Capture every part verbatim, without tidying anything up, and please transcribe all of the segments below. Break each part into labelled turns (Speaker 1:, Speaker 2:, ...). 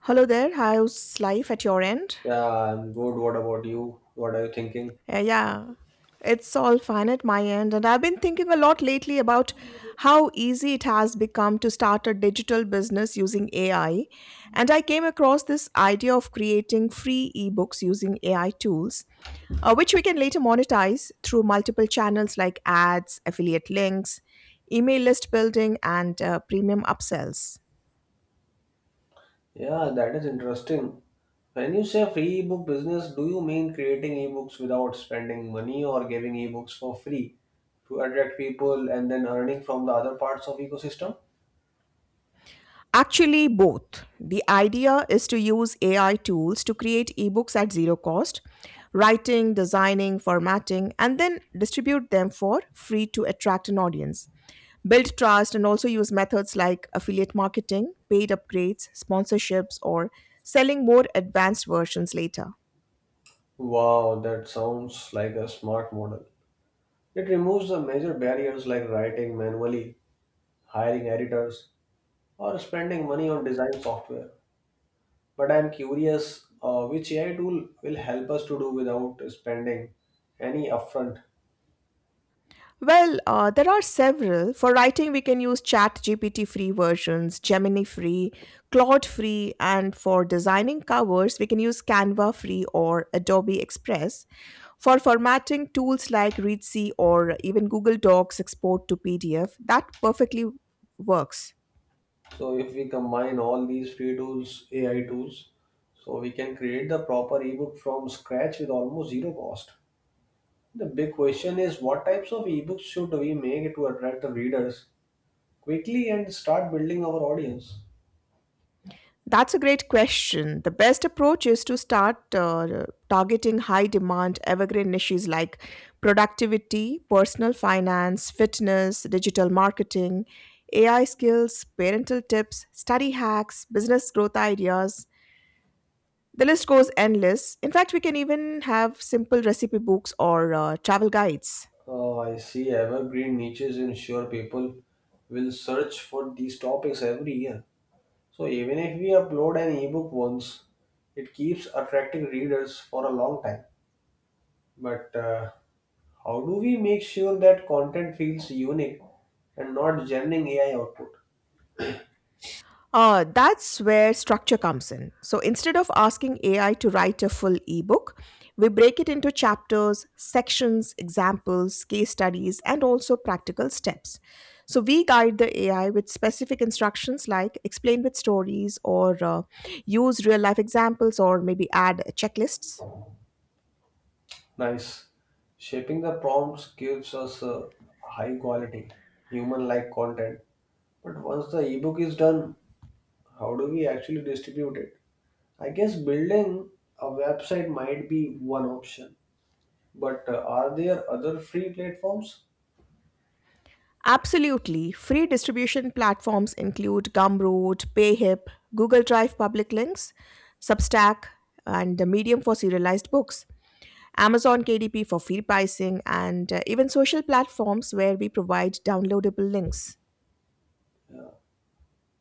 Speaker 1: Hello there. How's life at your end?
Speaker 2: Yeah, I'm good. What about you? What are you thinking?
Speaker 1: Uh, yeah, it's all fine at my end. And I've been thinking a lot lately about how easy it has become to start a digital business using A I. And I came across this idea of creating free ebooks using A I tools, uh, which we can later monetize through multiple channels like ads, affiliate links, email list building, and uh, premium upsells.
Speaker 2: Yeah, that is interesting. When you say free ebook business, do you mean creating ebooks without spending money or giving ebooks for free to attract people and then earning from the other parts of ecosystem?
Speaker 1: Actually, both. The idea is to use A I tools to create ebooks at zero cost, writing, designing, formatting, and then distribute them for free to attract an audience. Build trust and also use methods like affiliate marketing, paid upgrades, sponsorships, or selling more advanced versions later.
Speaker 2: Wow, that sounds like a smart model. It removes the major barriers like writing manually, hiring editors, or spending money on design software. But I'm curious, uh, which A I tool will help us to do without spending any upfront.
Speaker 1: Well, uh, there are several. For writing, we can use ChatGPT free versions, Gemini free, Claude free, and for designing covers, we can use Canva free or Adobe Express. For formatting, tools like ReadC or even Google Docs export to P D F, that perfectly works.
Speaker 2: So if we combine all these free tools, A I tools, so we can create the proper ebook from scratch with almost zero cost. The big question is, what types of ebooks should we make to attract the readers quickly and start building our audience?
Speaker 1: That's a great question. The best approach is to start uh, targeting high demand evergreen niches like productivity, personal finance, fitness, digital marketing, A I skills, parental tips, study hacks, business growth ideas. The list goes endless. In fact, we can even have simple recipe books or uh, travel guides.
Speaker 2: Uh, I see evergreen niches ensure people will search for these topics every year. So even if we upload an ebook once, it keeps attracting readers for a long time. But uh, how do we make sure that content feels unique and not generating A I output?
Speaker 1: Uh, that's where structure comes in. So instead of asking A I to write a full ebook, we break it into chapters, sections, examples, case studies, and also practical steps. So we guide the A I with specific instructions like explain with stories or uh, use real life examples or maybe add checklists.
Speaker 2: Nice. Shaping the prompts gives us a high quality, human like content. But once the ebook is done, how do we actually distribute it? I guess building a website might be one option, but uh, are there other free platforms?
Speaker 1: Absolutely. Free distribution platforms include Gumroad, Payhip, Google Drive public links, Substack, and the Medium for serialized books. Amazon K D P for feed pricing, and uh, even social platforms where we provide downloadable links.
Speaker 2: Uh,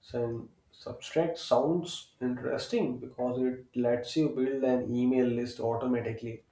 Speaker 2: So Substack sounds interesting because it lets you build an email list automatically.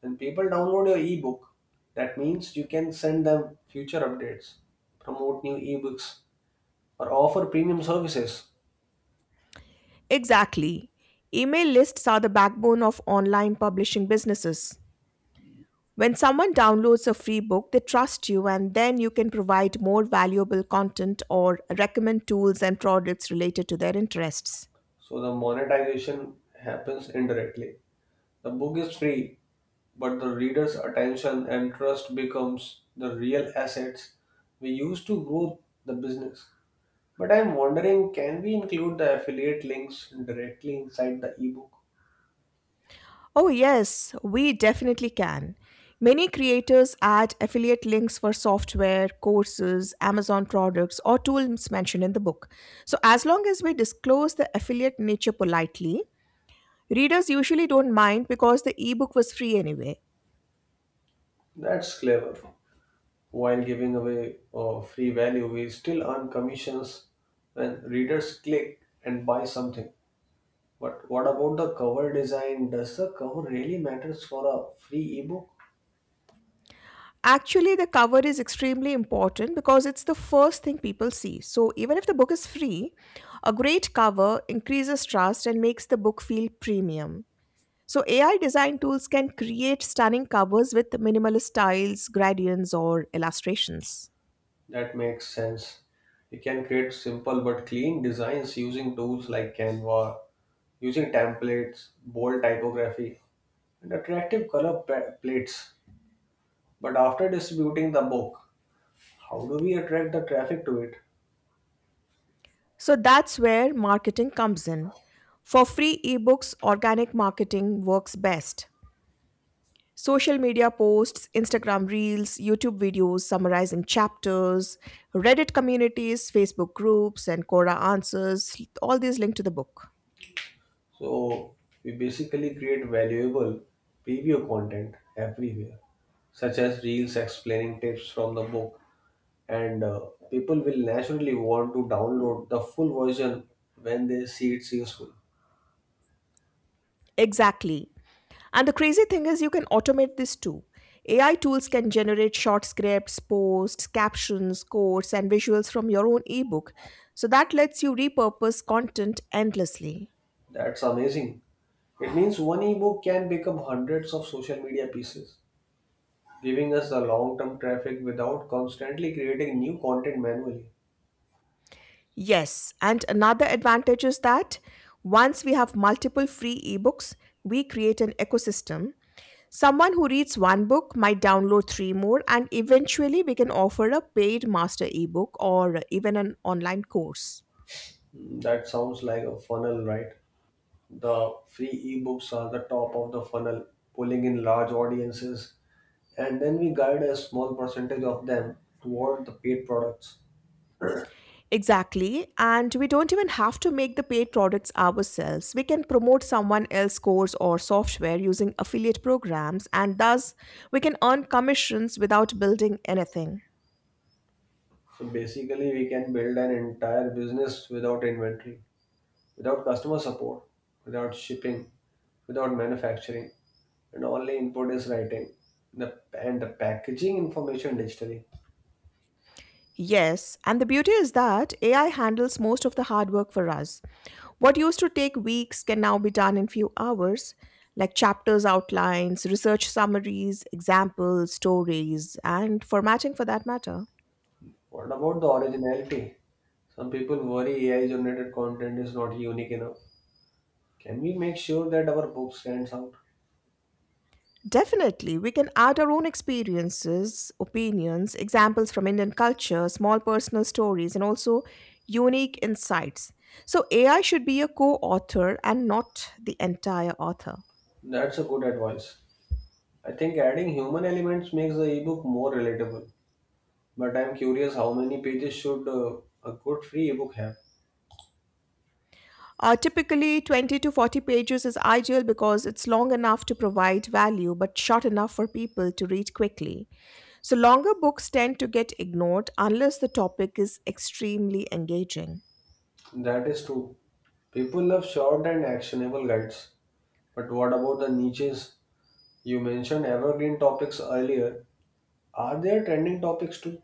Speaker 2: When people download your ebook, that means you can send them future updates, promote new ebooks, or offer premium services.
Speaker 1: Exactly. Email lists are the backbone of online publishing businesses. When someone downloads a free book, they trust you, and then you can provide more valuable content or recommend tools and products related to their interests.
Speaker 2: So the monetization happens indirectly. The book is free, but the reader's attention and trust becomes the real assets we use to grow the business. But I'm wondering, can we include the affiliate links directly inside the ebook?
Speaker 1: Oh, yes, we definitely can. Many creators add affiliate links for software, courses, Amazon products, or tools mentioned in the book. So, as long as we disclose the affiliate nature politely, readers usually don't mind because the ebook was free anyway.
Speaker 2: That's clever. While giving away uh, free value, we still earn commissions when readers click and buy something. But what about the cover design? Does the cover really matters for a free ebook?
Speaker 1: Actually, the cover is extremely important because it's the first thing people see. So, even if the book is free, a great cover increases trust and makes the book feel premium. So A I design tools can create stunning covers with minimalist styles, gradients, or illustrations.
Speaker 2: That makes sense. We can create simple but clean designs using tools like Canva, using templates, bold typography, and attractive color pa- plates. But after distributing the book, how do we attract the traffic to it?
Speaker 1: So that's where marketing comes in. For free ebooks, organic marketing works best. Social media posts, Instagram reels, YouTube videos summarizing chapters, Reddit communities, Facebook groups, and Quora answers, all these link to the book.
Speaker 2: So we basically create valuable preview content everywhere, such as reels explaining tips from the book, and uh, people will naturally want to download the full version when they see it's useful.
Speaker 1: Exactly. And the crazy thing is, you can automate this too. A I tools can generate short scripts, posts, captions, quotes, and visuals from your own ebook. So that lets you repurpose content endlessly.
Speaker 2: That's amazing. It means one ebook can become hundreds of social media pieces, giving us the long term traffic without constantly creating new content manually.
Speaker 1: Yes, and another advantage is that once we have multiple free ebooks, we create an ecosystem. Someone who reads one book might download three more, and eventually, we can offer a paid master ebook or even an online course.
Speaker 2: That sounds like a funnel, right? The free ebooks are the top of the funnel, pulling in large audiences, and then we guide a small percentage of them toward the paid products.
Speaker 1: Exactly. And we don't even have to make the paid products ourselves. We can promote someone else's course or software using affiliate programs, and thus we can earn commissions without building anything.
Speaker 2: So basically, we can build an entire business without inventory, without customer support, without shipping, without manufacturing, and only input is writing the, and the packaging information digitally.
Speaker 1: Yes, and the beauty is that A I handles most of the hard work for us. What used to take weeks can now be done in few hours, like chapters, outlines, research summaries, examples, stories, and formatting for that matter.
Speaker 2: What about the originality? Some people worry A I generated content is not unique enough. Can we make sure that our book stands out?
Speaker 1: Definitely, we can add our own experiences, opinions, examples from Indian culture, small personal stories, and also unique insights. So, A I should be a co author and not the entire author.
Speaker 2: That's a good advice. I think adding human elements makes the ebook more relatable. But I'm curious, how many pages should uh, a good free ebook have?
Speaker 1: Uh, typically, twenty to forty pages is ideal because it's long enough to provide value but short enough for people to read quickly. So, longer books tend to get ignored unless the topic is extremely engaging.
Speaker 2: That is true. People love short and actionable guides. But what about the niches? You mentioned evergreen topics earlier. Are there trending topics too?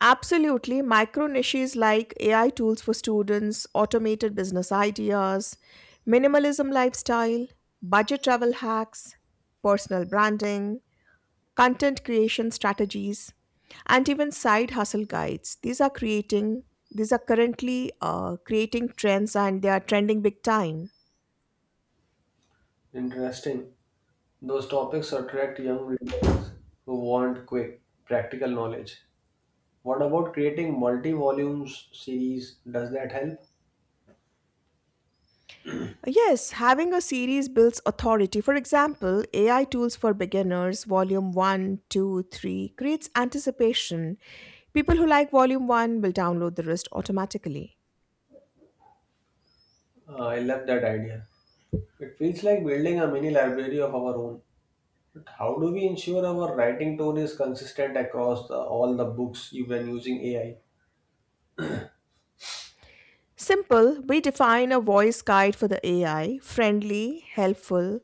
Speaker 1: Absolutely. Micro niches like A I tools for students, automated business ideas, minimalism lifestyle, budget travel hacks, personal branding, content creation strategies, and even side hustle guides. These are creating these are currently uh, creating trends and they are trending big time.
Speaker 2: Interesting. Those topics attract young readers who want quick, practical knowledge. What about creating multi-volumes series? Does that help?
Speaker 1: Yes, having a series builds authority. For example, A I Tools for Beginners, Volume one, two, three, creates anticipation. People who like Volume one will download the rest automatically.
Speaker 2: Uh, I love that idea. It feels like building a mini library of our own. But how do we ensure our writing tone is consistent across the, all the books you've been using A I?
Speaker 1: Simple, we define a voice guide for the A I, friendly, helpful,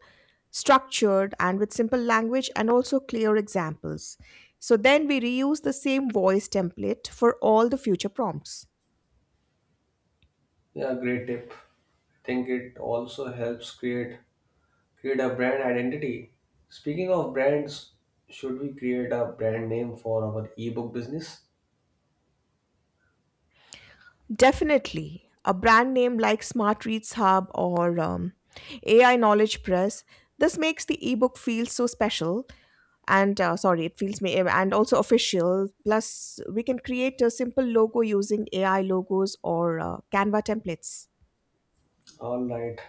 Speaker 1: structured, and with simple language and also clear examples. So then we reuse the same voice template for all the future prompts.
Speaker 2: Yeah, great tip. I think it also helps create create a brand identity. Speaking of brands, should we create a brand name for our ebook business?
Speaker 1: Definitely. A brand name like Smart Reads Hub or um, A I Knowledge Press. This makes the ebook feel so special and uh, sorry, it feels me and also official. Plus, we can create a simple logo using A I logos or uh, Canva templates.
Speaker 2: All right.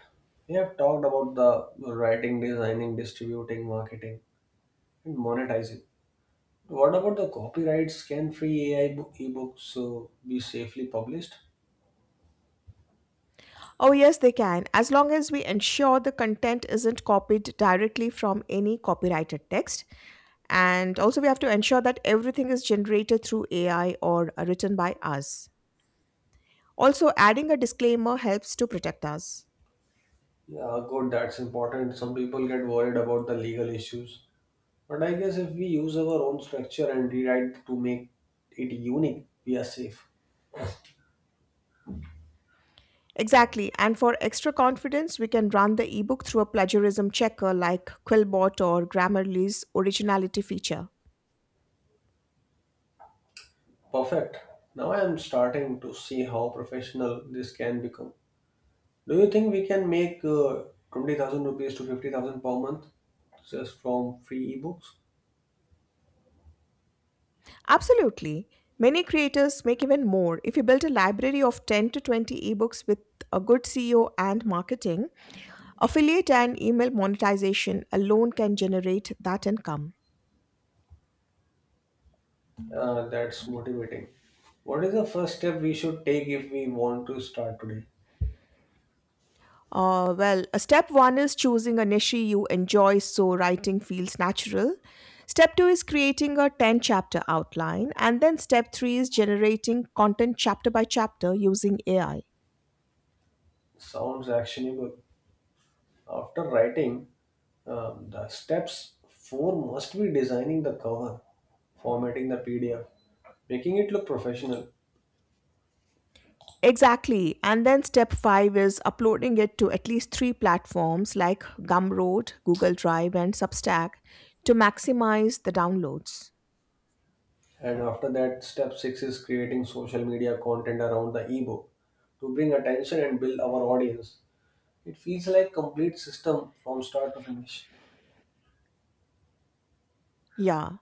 Speaker 2: We have talked about the writing, designing, distributing, marketing, and monetizing. What about the copyrights? Can free A I bo- ebooks uh, be safely published?
Speaker 1: Oh, yes, they can, as long as we ensure the content isn't copied directly from any copyrighted text. And also, we have to ensure that everything is generated through A I or uh, written by us. Also, adding a disclaimer helps to protect us.
Speaker 2: Yeah, good. That's important. Some people get worried about the legal issues. But I guess if we use our own structure and rewrite to make it unique, we are safe.
Speaker 1: Exactly, and for extra confidence, we can run the ebook through a plagiarism checker like Quillbot or Grammarly's originality feature.
Speaker 2: Perfect. Now I am starting to see how professional this can become. Do you think we can make uh, twenty thousand rupees to fifty thousand per month just from free ebooks?
Speaker 1: Absolutely. Many creators make even more. If you build a library of ten to twenty ebooks with a good S E O and marketing, affiliate and email monetization alone can generate that income.
Speaker 2: Uh, that's motivating. What is the first step we should take if we want to start today?
Speaker 1: Uh, well, uh, step one is choosing a niche you enjoy so writing feels natural. Step two is creating a ten chapter outline. And then step three is generating content chapter by chapter using A I.
Speaker 2: Sounds actionable. After writing, um, the steps four must be designing the cover, formatting the P D F, making it look professional.
Speaker 1: Exactly. And then step five is uploading it to at least three platforms like Gumroad, Google Drive, and Substack to maximize the downloads.
Speaker 2: And after that, step six is creating social media content around the ebook to bring attention and build our audience. It feels like complete system from start to finish.
Speaker 1: Yeah.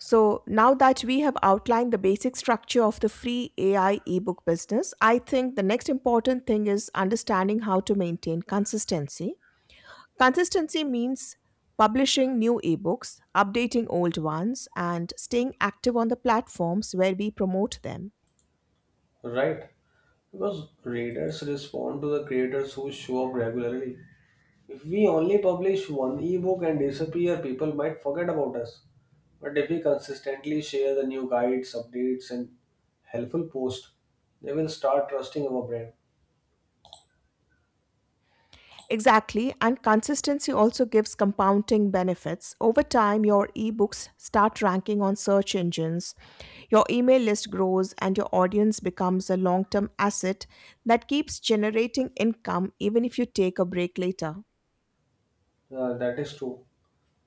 Speaker 1: So now that we have outlined the basic structure of the free A I ebook business, I think the next important thing is understanding how to maintain consistency. Consistency means publishing new ebooks, updating old ones, and staying active on the platforms where we promote them.
Speaker 2: Right, because readers respond to the creators who show up regularly. If we only publish one ebook and disappear, people might forget about us. But if we consistently share the new guides, updates, and helpful posts, they will start trusting our brand.
Speaker 1: Exactly, and consistency also gives compounding benefits. Over time, your ebooks start ranking on search engines, your email list grows, and your audience becomes a long term asset that keeps generating income even if you take a break later.
Speaker 2: Uh, that is true.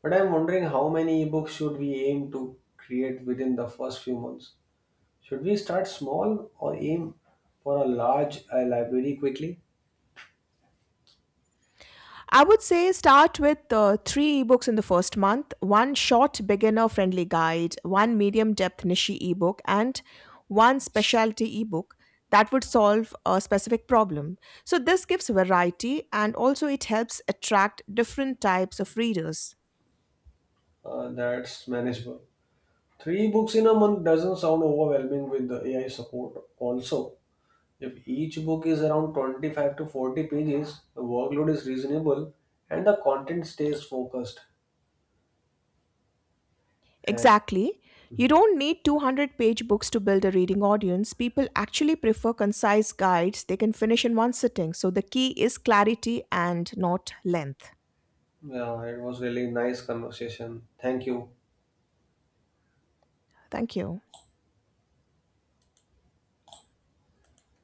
Speaker 2: But I'm wondering, how many ebooks should we aim to create within the first few months? Should we start small or aim for a large uh, library quickly?
Speaker 1: I would say start with uh, three ebooks in the first month one short beginner friendly guide, one medium depth niche ebook, and one specialty ebook that would solve a specific problem. So, this gives variety and also it helps attract different types of readers.
Speaker 2: Uh, that's manageable. Three books in a month doesn't sound overwhelming with the A I support. Also, if each book is around twenty-five to forty pages, the workload is reasonable and the content stays focused. And
Speaker 1: Exactly. You don't need two hundred page books to build a reading audience. People actually prefer concise guides they can finish in one sitting. So, the key is clarity and not length.
Speaker 2: yeah, it was really nice conversation. Thank you.
Speaker 1: Thank you.